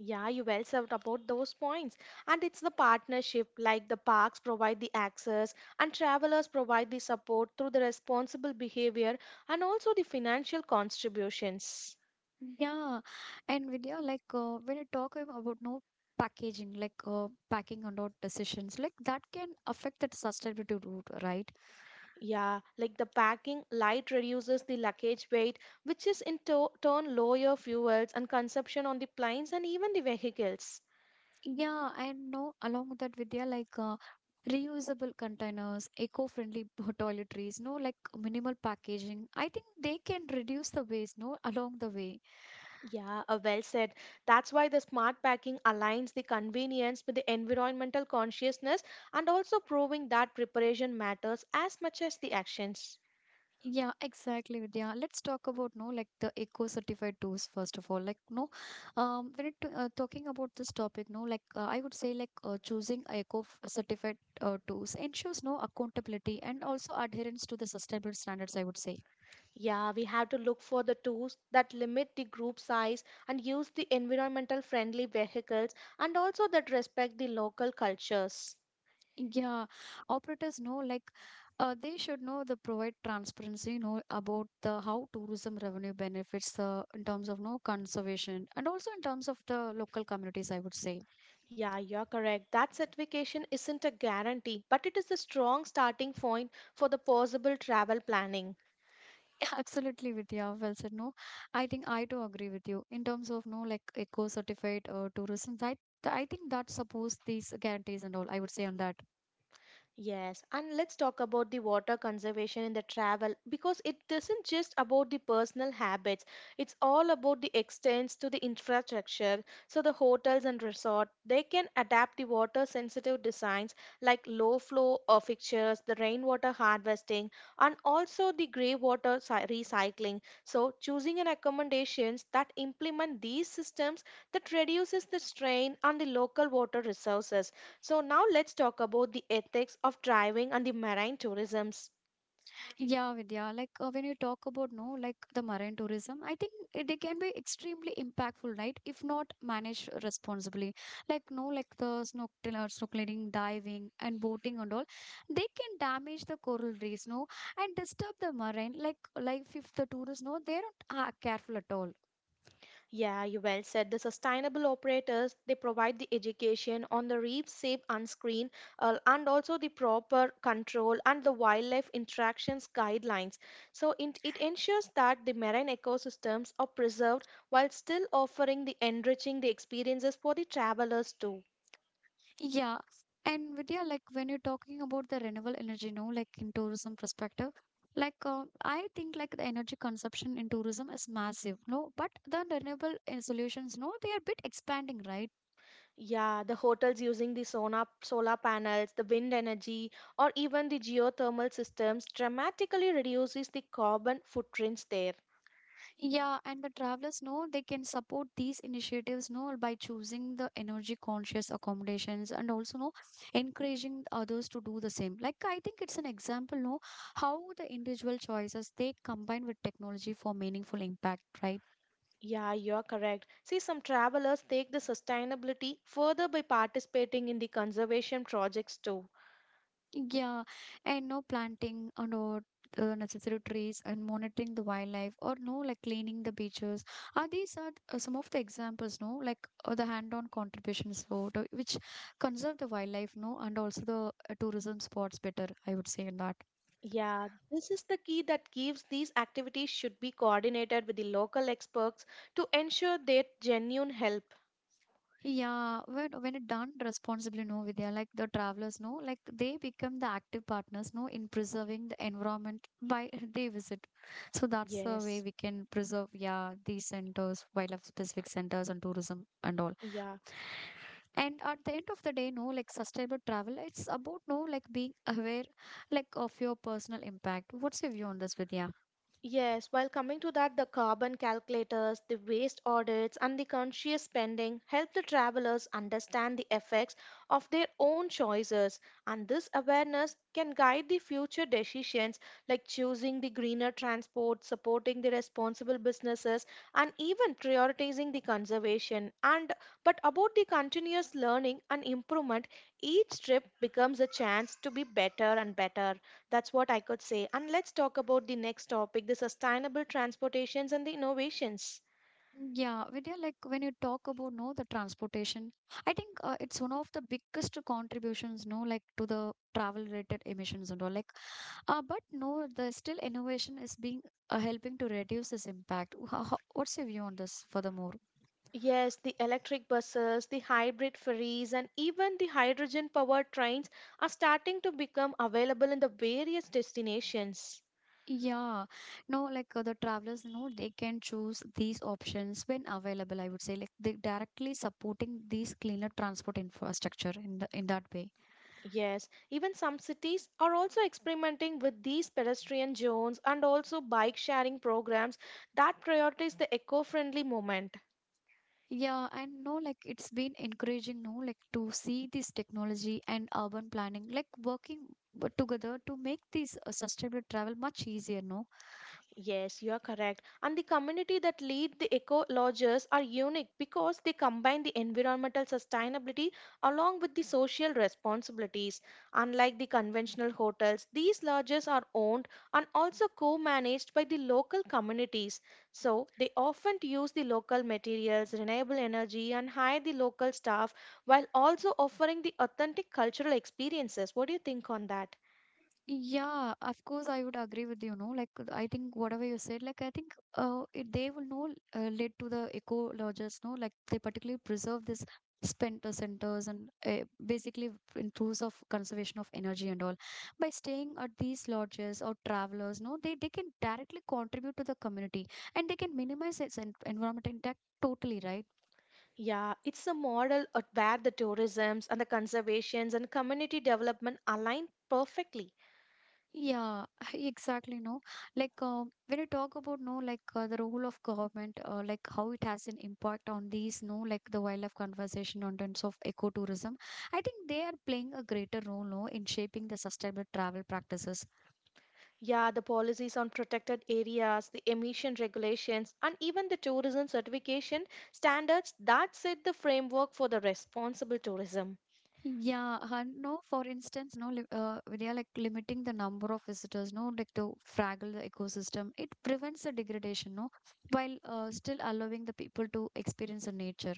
Yeah, you well served about those points. And it's the partnership, like the parks provide the access and travelers provide the support through the responsible behavior and also the financial contributions. Yeah, and Vidya, like when you talk about no packaging, like packing and out decisions, like that can affect that sustainability route, right? Yeah, like the packing light reduces the luggage weight, which is in turn lower fuels and consumption on the planes and even the vehicles. Yeah, and no, along with that, Vidya, like reusable containers, eco-friendly toiletries, no, like minimal packaging. I think they can reduce the waste, no, along the way. Yeah, well said. That's why the smart packing aligns the convenience with the environmental consciousness and also proving that preparation matters as much as the actions. Yeah, exactly, Vidya. Let's talk about no like the eco certified tools first of all. Like no, when it talking about this topic, no, like I would say like choosing eco certified tools ensures no accountability and also adherence to the sustainable standards. I would say. Yeah, we have to look for the tools that limit the group size and use the environmental friendly vehicles and also that respect the local cultures. Yeah, operators know like they should know the provide transparency, you know, about the how tourism revenue benefits the in terms of no conservation and also in terms of the local communities, I would say. Yeah, you're correct. That certification isn't a guarantee, but it is a strong starting point for the possible travel planning. Yeah, [laughs] absolutely, Vidya. Well said. No, I think I too agree with you in terms of no like eco certified tourism. That I think that supports these guarantees and all. I would say on that. Yes, and let's talk about the water conservation in the travel because it isn't just about the personal habits, it's all about the extents to the infrastructure. So the hotels and resort, they can adapt the water sensitive designs like low flow fixtures, the rainwater harvesting, and also the grey water recycling. So choosing an accommodations that implement these systems that reduces the strain on the local water resources so now let's talk about the ethics of driving and the marine tourisms. Yeah, Vidya. Like when you talk about no, like the marine tourism, I think it- they can be extremely impactful, right? If not managed responsibly, like no, like the snorkeling, diving, and boating and all, they can damage the coral reefs, no, and disturb the marine like life if the tourists no, they're not careful at all. Yeah, you well said. The sustainable operators they provide the education on the reef safe unscreen and also the proper control and the wildlife interactions guidelines. So it ensures that the marine ecosystems are preserved while still offering the enriching the experiences for the travelers too. Yeah. And Vidya, like when you're talking about the renewable energy, no, like in tourism perspective, like I think like the energy consumption in tourism is massive, no, but the renewable solutions, no, they are bit expanding, right? Yeah, the hotels using the solar panels, the wind energy, or even the geothermal systems dramatically reduces the carbon footprints there. Yeah, and the travelers know they can support these initiatives, no, by choosing the energy conscious accommodations and also no, encouraging others to do the same. Like I think it's an example, no, how the individual choices they combine with technology for meaningful impact, right? Yeah, you're correct. See, some travelers take the sustainability further by participating in the conservation projects too. Yeah, and no planting or no necessary trees and monitoring the wildlife or no like cleaning the beaches. Are these are some of the examples, no, like the hand-on contributions for the- which conserve the wildlife, no, and also the tourism spots better. I would say in that. Yeah, this is the key that gives these activities should be coordinated with the local experts to ensure their genuine help. Yeah, when it done responsibly, no, Vidya, like the travelers, no, like they become the active partners, no, in preserving the environment by [laughs] they visit. So that's the way Yes. we can preserve, yeah, these centers, wildlife specific centers and tourism and all. Yeah. And at the end of the day, no, like sustainable travel, it's about no, like being aware, like of your personal impact. What's your view on this, Vidya? Yes, while coming to that, the carbon calculators, the waste audits, and the conscious spending help the travelers understand the effects of their own choices. And this awareness can guide the future decisions like choosing the greener transport, supporting the responsible businesses, and even prioritizing the conservation. And but about the continuous learning and improvement, each trip becomes a chance to be better and better. That's what I could say. And let's talk about the next topic the sustainable transportations and the innovations. Yeah, Vidya, like when you talk about no the transportation, I think it's one of the biggest contributions, no, like to the travel related emissions and all. Like, but no, the still innovation is being helping to reduce this impact. What's your view on this? Furthermore, Yes, the electric buses, the hybrid ferries, and even the hydrogen powered trains are starting to become available in the various destinations. yeah, no, like the travelers, you know they can choose these options when available. I would say, like, they directly supporting these cleaner transport infrastructure in the in that way. Yes, even some cities are also experimenting with these pedestrian zones and also bike sharing programs that prioritize the eco friendly movement. Yeah, and no, like it's been encouraging, no, like to see this technology and urban planning, like working together to make this sustainable travel much easier, no? Yes, you are correct. And the community that lead the eco lodges are unique because they combine the environmental sustainability along with the social responsibilities. Unlike the conventional hotels, these lodges are owned and also co-managed by the local communities. So they often use the local materials, renewable energy, and hire the local staff while also offering the authentic cultural experiences. What do you think on that? Yeah, of course, I would agree with you, no? Like, I think whatever you said, like, I think it, they will know lead to the eco lodges, no? Like, they particularly preserve this spender centers and basically in terms of conservation of energy and all. By staying at these lodges or travelers, no, they can directly contribute to the community and they can minimize its en environment impact totally, right? Yeah, it's a model of where the tourisms and the conservations and community development align perfectly. Yeah, [laughs] exactly. No, like when you talk about no, like the role of government, like how it has an impact on these, no, like the wildlife conservation on terms of ecotourism, I think they are playing a greater role, no, in shaping the sustainable travel practices. Yeah, the policies on protected areas, the emission regulations, and even the tourism certification standards that set the framework for the responsible tourism. Yeah, and no, for instance, no, they are like limiting the number of visitors, no, like to fraggle the ecosystem. It prevents the degradation, no, while still allowing the people to experience the nature.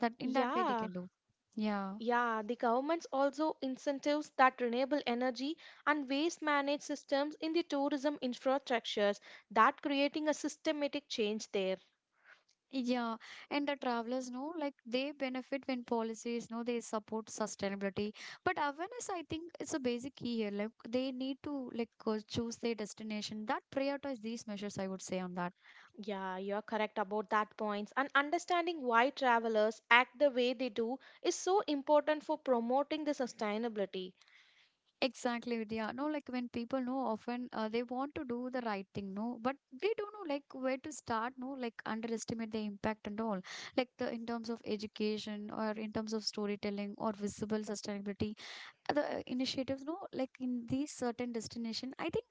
That in that way they Yeah, can do. Yeah. yeah, the government's also incentives that renewable energy and waste managed systems in the tourism infrastructures that creating a systematic change there. Yeah, and the travelers know like they benefit when policies know they support sustainability. But awareness, I think, is a basic key here. Like they need to like choose their destination that prioritize these measures. I would say on that. Yeah, you're correct about that points. And understanding why travelers act the way they do is so important for promoting the sustainability. Exactly, Vidya. No, like when people know often they want to do the right thing, no, but they don't know like where to start. No, like underestimate the impact and all. Like the in terms of education or in terms of storytelling or visible sustainability the initiatives no like in these certain destination I think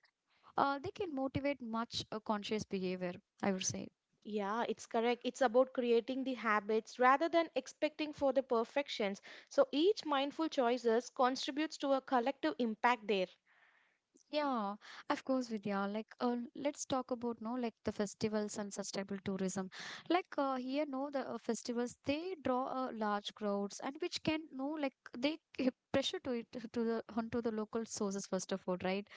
they can motivate much conscious behavior I would say Yeah, it's correct. It's about creating the habits rather than expecting for the perfections. So each mindful choices contributes to a collective impact there. yeah of course vidya like let's talk about no like the festivals and sustainable tourism like here no the festivals they draw large crowds and which can no like they give pressure to it to the onto the local sources first of all right.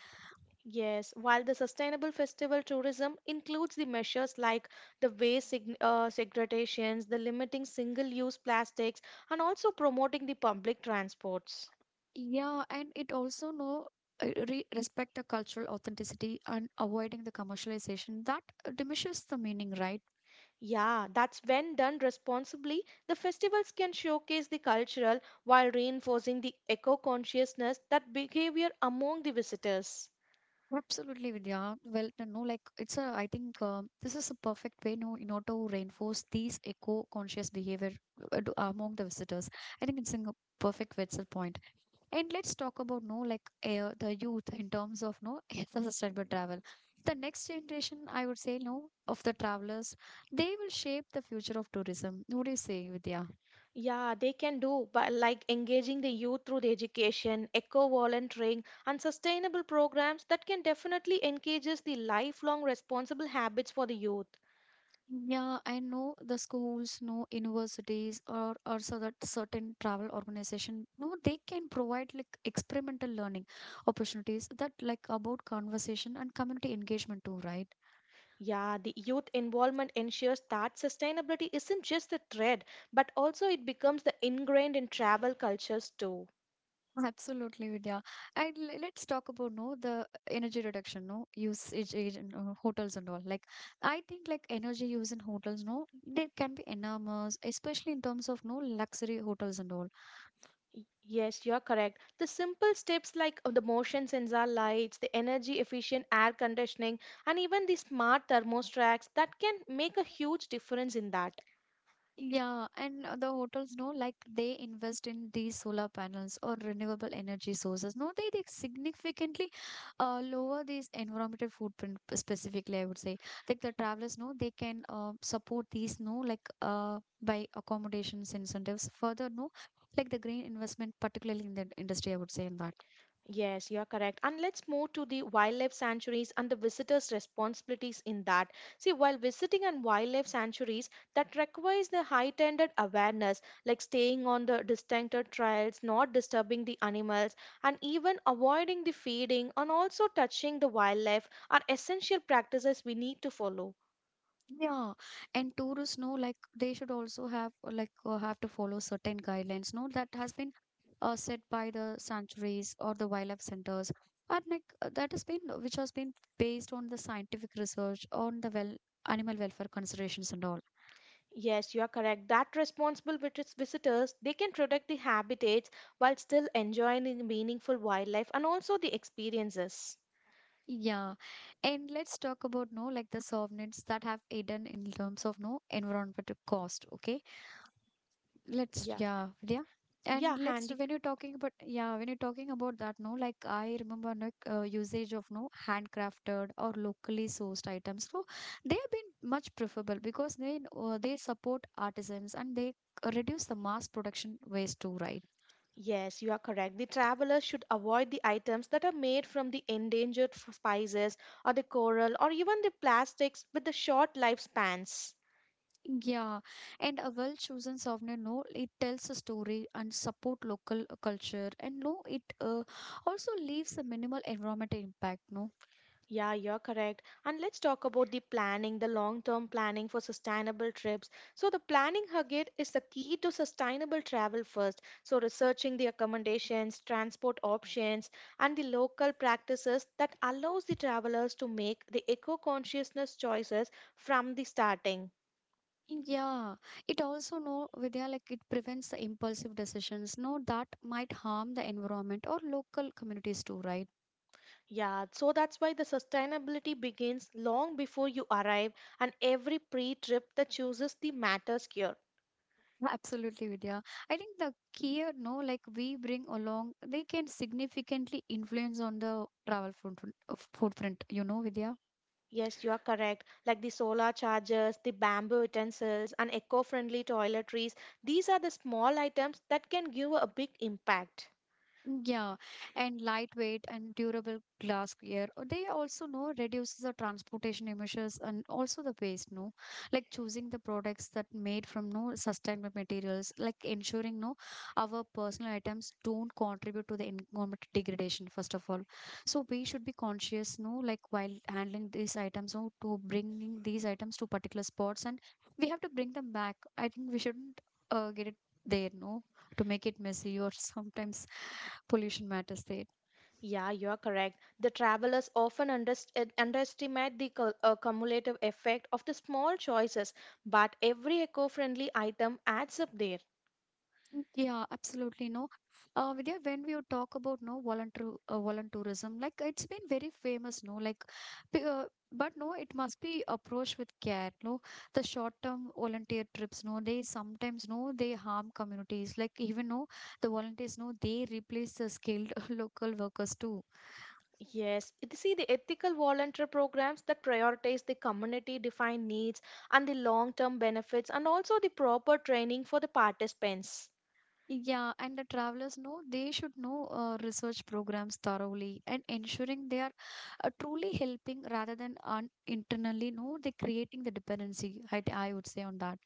Yes, while the sustainable festival tourism includes the measures like the waste segregations, the limiting single-use plastics, and also promoting the public transports. Yeah, and it also know re respect the cultural authenticity and avoiding the commercialization that diminishes the meaning, right? Yeah, that's when done responsibly, the festivals can showcase the cultural while reinforcing the eco consciousness that behavior among the visitors. Absolutely, Vidya. Well, no, no, like it's a. I think this is a perfect way, no, in order to reinforce these eco-conscious behavior among the visitors. I think it's a perfect Wetzel point. And let's talk about no like the youth in terms of no [laughs] sustainable travel. The next generation, I would say, no of the travelers, they will shape the future of tourism. What do you say, Vidya? Yeah, they can do by like engaging the youth through the education, eco volunteering, and sustainable programs that can definitely encourages the lifelong responsible habits for the youth. Yeah, I know the schools, no universities, or so that certain travel organization. No, they can provide like experimental learning opportunities that like about conversation and community engagement too, right? Yeah, the youth involvement ensures that sustainability isn't just a trend, but also it becomes the ingrained in travel cultures too. Absolutely, Vidya. And let's talk about no the energy reduction, no usage age in hotels and all. Like I think like energy use in hotels, no, they can be enormous, especially in terms of no luxury hotels and all. Yes, you're correct. The simple steps like the motion sensor lights, the energy efficient air conditioning, and even the smart thermostats that can make a huge difference in that. Yeah, and the hotels know like they invest in these solar panels or renewable energy sources. No, they significantly lower these environmental footprint specifically, I would say. Like the travelers know they can support these no like by accommodations incentives. Further, no like the green investment, particularly in the industry, I would say in that. Yes, you are correct. And let's move to the wildlife sanctuaries and the visitors' responsibilities in that. See, while visiting and wildlife sanctuaries, that requires the heightened awareness, like staying on the distincted trails, not disturbing the animals, and even avoiding the feeding and also touching the wildlife are essential practices we need to follow. Yeah, and tourists know like they should also have have to follow certain guidelines. No, that has been set by the sanctuaries or the wildlife centers, and like that has been which has been based on the scientific research on the well animal welfare considerations and all. Yes, you are correct. That responsible with its visitors, they can protect the habitats while still enjoying the meaningful wildlife and also the experiences. Yeah, and let's talk about no like the sovereigns that have hidden in terms of no environmental cost. Okay, let's Yeah, yeah yeah yeah, and let's handy. when you're talking about yeah when you're talking about that no like I remember like usage of no handcrafted or locally sourced items so they have been much preferable because they support artisans and they reduce the mass production waste too right Yes, you are correct. The travelers should avoid the items that are made from the endangered spices or the coral or even the plastics with the short lifespans. yeah, and a well-chosen souvenir, no, it tells a story and support local culture, and no, it also leaves a minimal environmental impact, no. Yeah, you're correct. And let's talk about the planning, the long term planning for sustainable trips. So, the planning, Hagit, is the key to sustainable travel first. So, researching the accommodations, transport options, and the local practices that allows the travelers to make the eco consciousness choices from the starting. Yeah, it also no Vidya like it prevents the impulsive decisions, no that might harm the environment or local communities too, right? Yeah, so that's why the sustainability begins long before you arrive, and every pre trip that chooses the matters here. [laughs] Absolutely, Vidya. I think the key, no, like we bring along, they can significantly influence on the travel footprint, you know, Vidya. Yes, you are correct. Like the solar chargers, the bamboo utensils, and eco friendly toiletries, these are the small items that can give a big impact. Yeah, and lightweight and durable glassware. They also know reduces the transportation emissions and also the waste, no? Like choosing the products that made from no sustainable materials, like ensuring no our personal items don't contribute to the environment degradation, first of all. So we should be conscious, no, like while handling these items, no, to bringing these items to particular spots and we have to bring them back. I think we shouldn't get it there, no, to make it messy or [laughs] sometimes pollution matters there. Yeah, you are correct. The travelers often underestimate the cumulative effect of the small choices, but every eco friendly item adds up there. Mm, yeah, absolutely. No, Vidya, when we would talk about no volunteerism, like it's been very famous. No, like, p- uh, but no, it must be approached with care. No, the short-term volunteer trips. No, they sometimes no they harm communities. Like even no, the volunteers no they replace the skilled [laughs] local workers too. Yes, you see the ethical volunteer programs that prioritize the community defined needs and the long term benefits, and also the proper training for the participants. Yeah, and the travelers know they should know research programs thoroughly and ensuring they are truly helping rather than internally, no, they creating the dependency. I would say on that.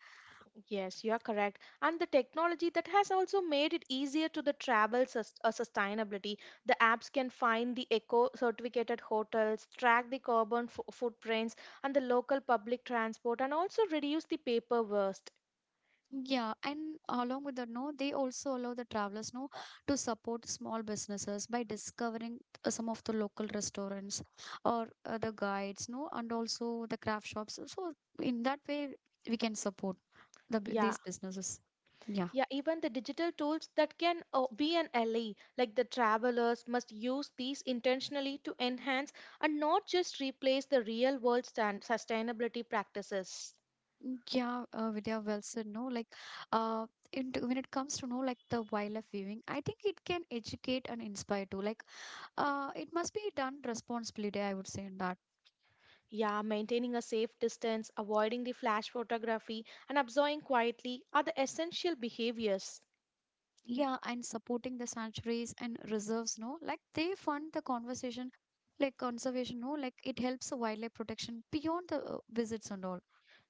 Yes, you are correct. And the technology that has also made it easier to the travel sustainability. The apps can find the eco certificated hotels, track the carbon footprints, and the local public transport, and also reduce the paper waste. Yeah, and along with that, no, they also allow the travelers, no, to support small businesses by discovering some of the local restaurants or the guides, no, and also the craft shops. So in that way, we can support the Yeah. these businesses. Yeah. Yeah, even the digital tools that can be an ally, like the travelers must use these intentionally to enhance and not just replace the real world sustainability practices. Yeah, Vidya, well said. No, like, uh, into when it comes to know like the wildlife viewing, I think it can educate and inspire too. Like, it must be done responsibly. I would say in that. Yeah, maintaining a safe distance, avoiding the flash photography, and observing quietly are the essential behaviors. Yeah, and supporting the sanctuaries and reserves. No, like they fund the conversation, like conservation. No, like it helps the wildlife protection beyond the visits and all.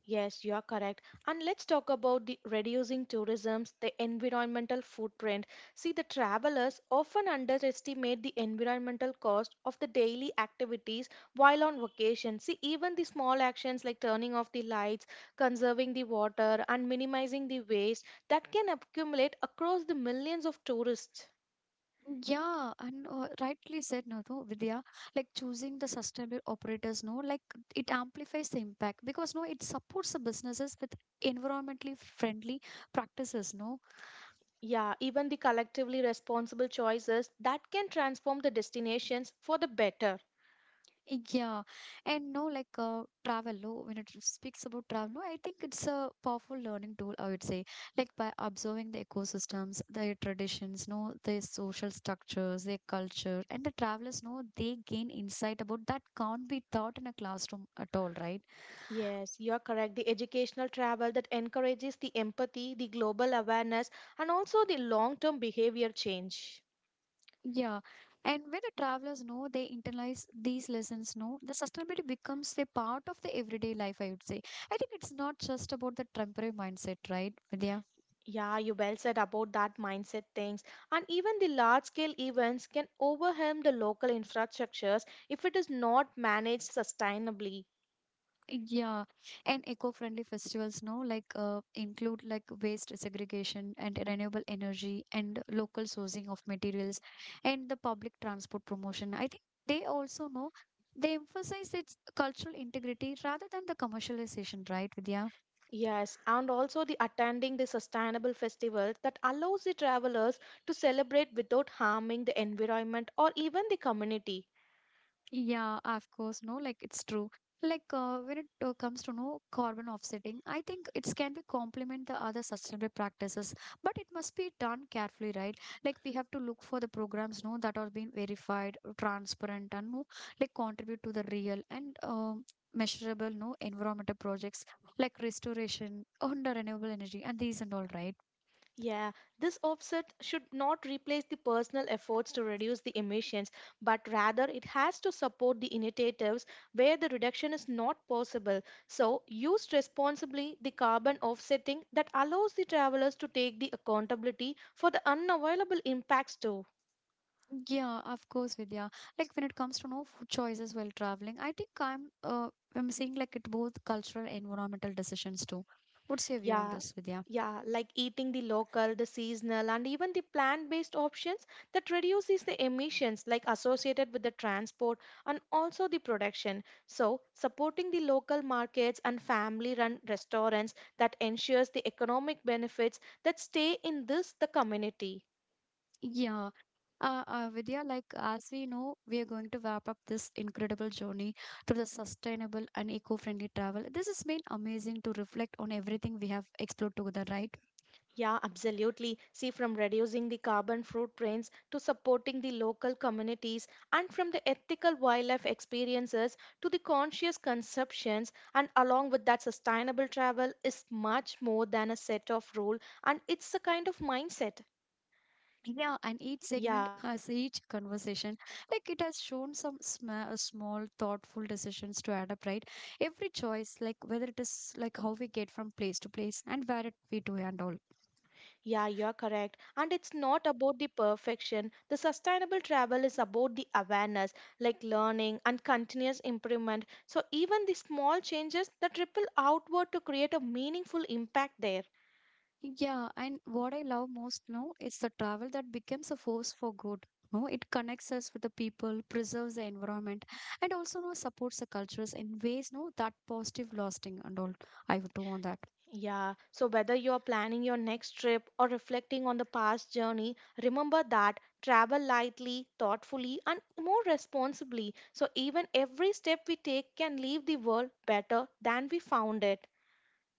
Yes, you are correct. And let's talk about the reducing tourism's the environmental footprint. See, the travelers often underestimate the environmental cost of the daily activities while on vacation. See, even the small actions like turning off the lights, conserving the water, and minimizing the waste that can accumulate across the millions of tourists. Yeah, and rightly said, no, no, Vidya, like choosing the sustainable operators, no, like it amplifies the impact because no, it supports the businesses with environmentally friendly practices, no. Yeah, even the collectively responsible choices that can transform the destinations for the better. Yeah, and no, like travel, no, when it speaks about travel, no, I think it's a powerful learning tool, I would say, like by observing the ecosystems, their traditions, no, their social structures, their culture, and the travelers, no, they gain insight about that can't be taught in a classroom at all, right? Yes, you are correct. The educational travel that encourages the empathy, the global awareness, and also the long term behavior change. Yeah, and when the travelers know they internalize these lessons, know the sustainability becomes a part of the everyday life, I would say. I think it's not just about the temporary mindset, right, Vidya? Yeah, you well said about that mindset things. And even the large scale events can overwhelm the local infrastructures if it is not managed sustainably. Yeah, and eco-friendly festivals, no, like include like waste segregation and renewable energy and local sourcing of materials and the public transport promotion. I think they also know they emphasize its cultural integrity rather than the commercialization, right, Vidya? Yes, and also the attending the sustainable festivals that allows the travelers to celebrate without harming the environment or even the community. Yeah, of course, no, like it's true. Like when it comes to no carbon offsetting, I think it can be complement the other sustainable practices, but it must be done carefully, right? Like we have to look for the programs, no, that are being verified, transparent, and no, like contribute to the real and measurable, no, environmental projects like restoration, [laughs] under renewable energy, and these and all, right? Yeah, this offset should not replace the personal efforts to reduce the emissions, but rather it has to support the initiatives where the reduction is not possible. So, used responsibly, the carbon offsetting that allows the travelers to take the accountability for the unavoidable impacts too. Yeah, of course, Vidya. Like when it comes to no food choices while traveling, I think I'm saying like it both cultural and environmental decisions too. What's your view on Yeah, this, Vidya? yeah, like eating the local, the seasonal, and even the plant-based options that reduces the emissions like associated with the transport and also the production. So, supporting the local markets and family-run restaurants that ensures the economic benefits that stay in this the community. Yeah. Vidya, like as we know, we are going to wrap up this incredible journey to the sustainable and eco-friendly travel. This has been amazing to reflect on everything we have explored together, right? Yeah, absolutely. See, from reducing the carbon footprints to supporting the local communities, and from the ethical wildlife experiences to the conscious conceptions, and along with that, sustainable travel is much more than a set of rule, and it's a kind of mindset. Yeah, and each segment Yeah, and has each each segment. conversation. Like it has shown some small, thoughtful decisions to add up, right? Every choice, like whether it is like how we get from place to place and where it we do and all. Yeah, you're correct. And it's not about the perfection. The sustainable travel is about the awareness, like learning and continuous improvement. So, even the small changes that ripple outward to create a meaningful impact there. Yeah, and what I love most now is the travel that becomes a force for good. No, it connects us with the people, preserves the environment, and also no supports the cultures in ways no that positive lasting and all. I would do on that. Yeah, so whether you're planning your next trip or reflecting on the past journey, remember that travel lightly, thoughtfully, and more responsibly. So, even every step we take can leave the world better than we found it.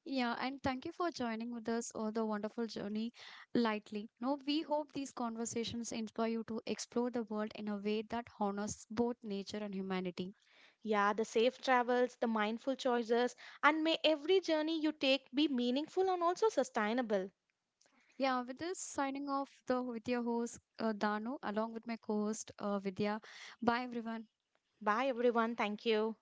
Yeah, and thank you for joining with us on the wonderful journey lightly. Now, we hope these conversations inspire you to explore the world in a way that honors both nature and humanity. Yeah, the safe travels, the mindful choices, and may every journey you take be meaningful and also sustainable. Yeah, with this, signing off the with your host Dano, along with my co-host Vidya. Bye, everyone. Bye, everyone. Thank you.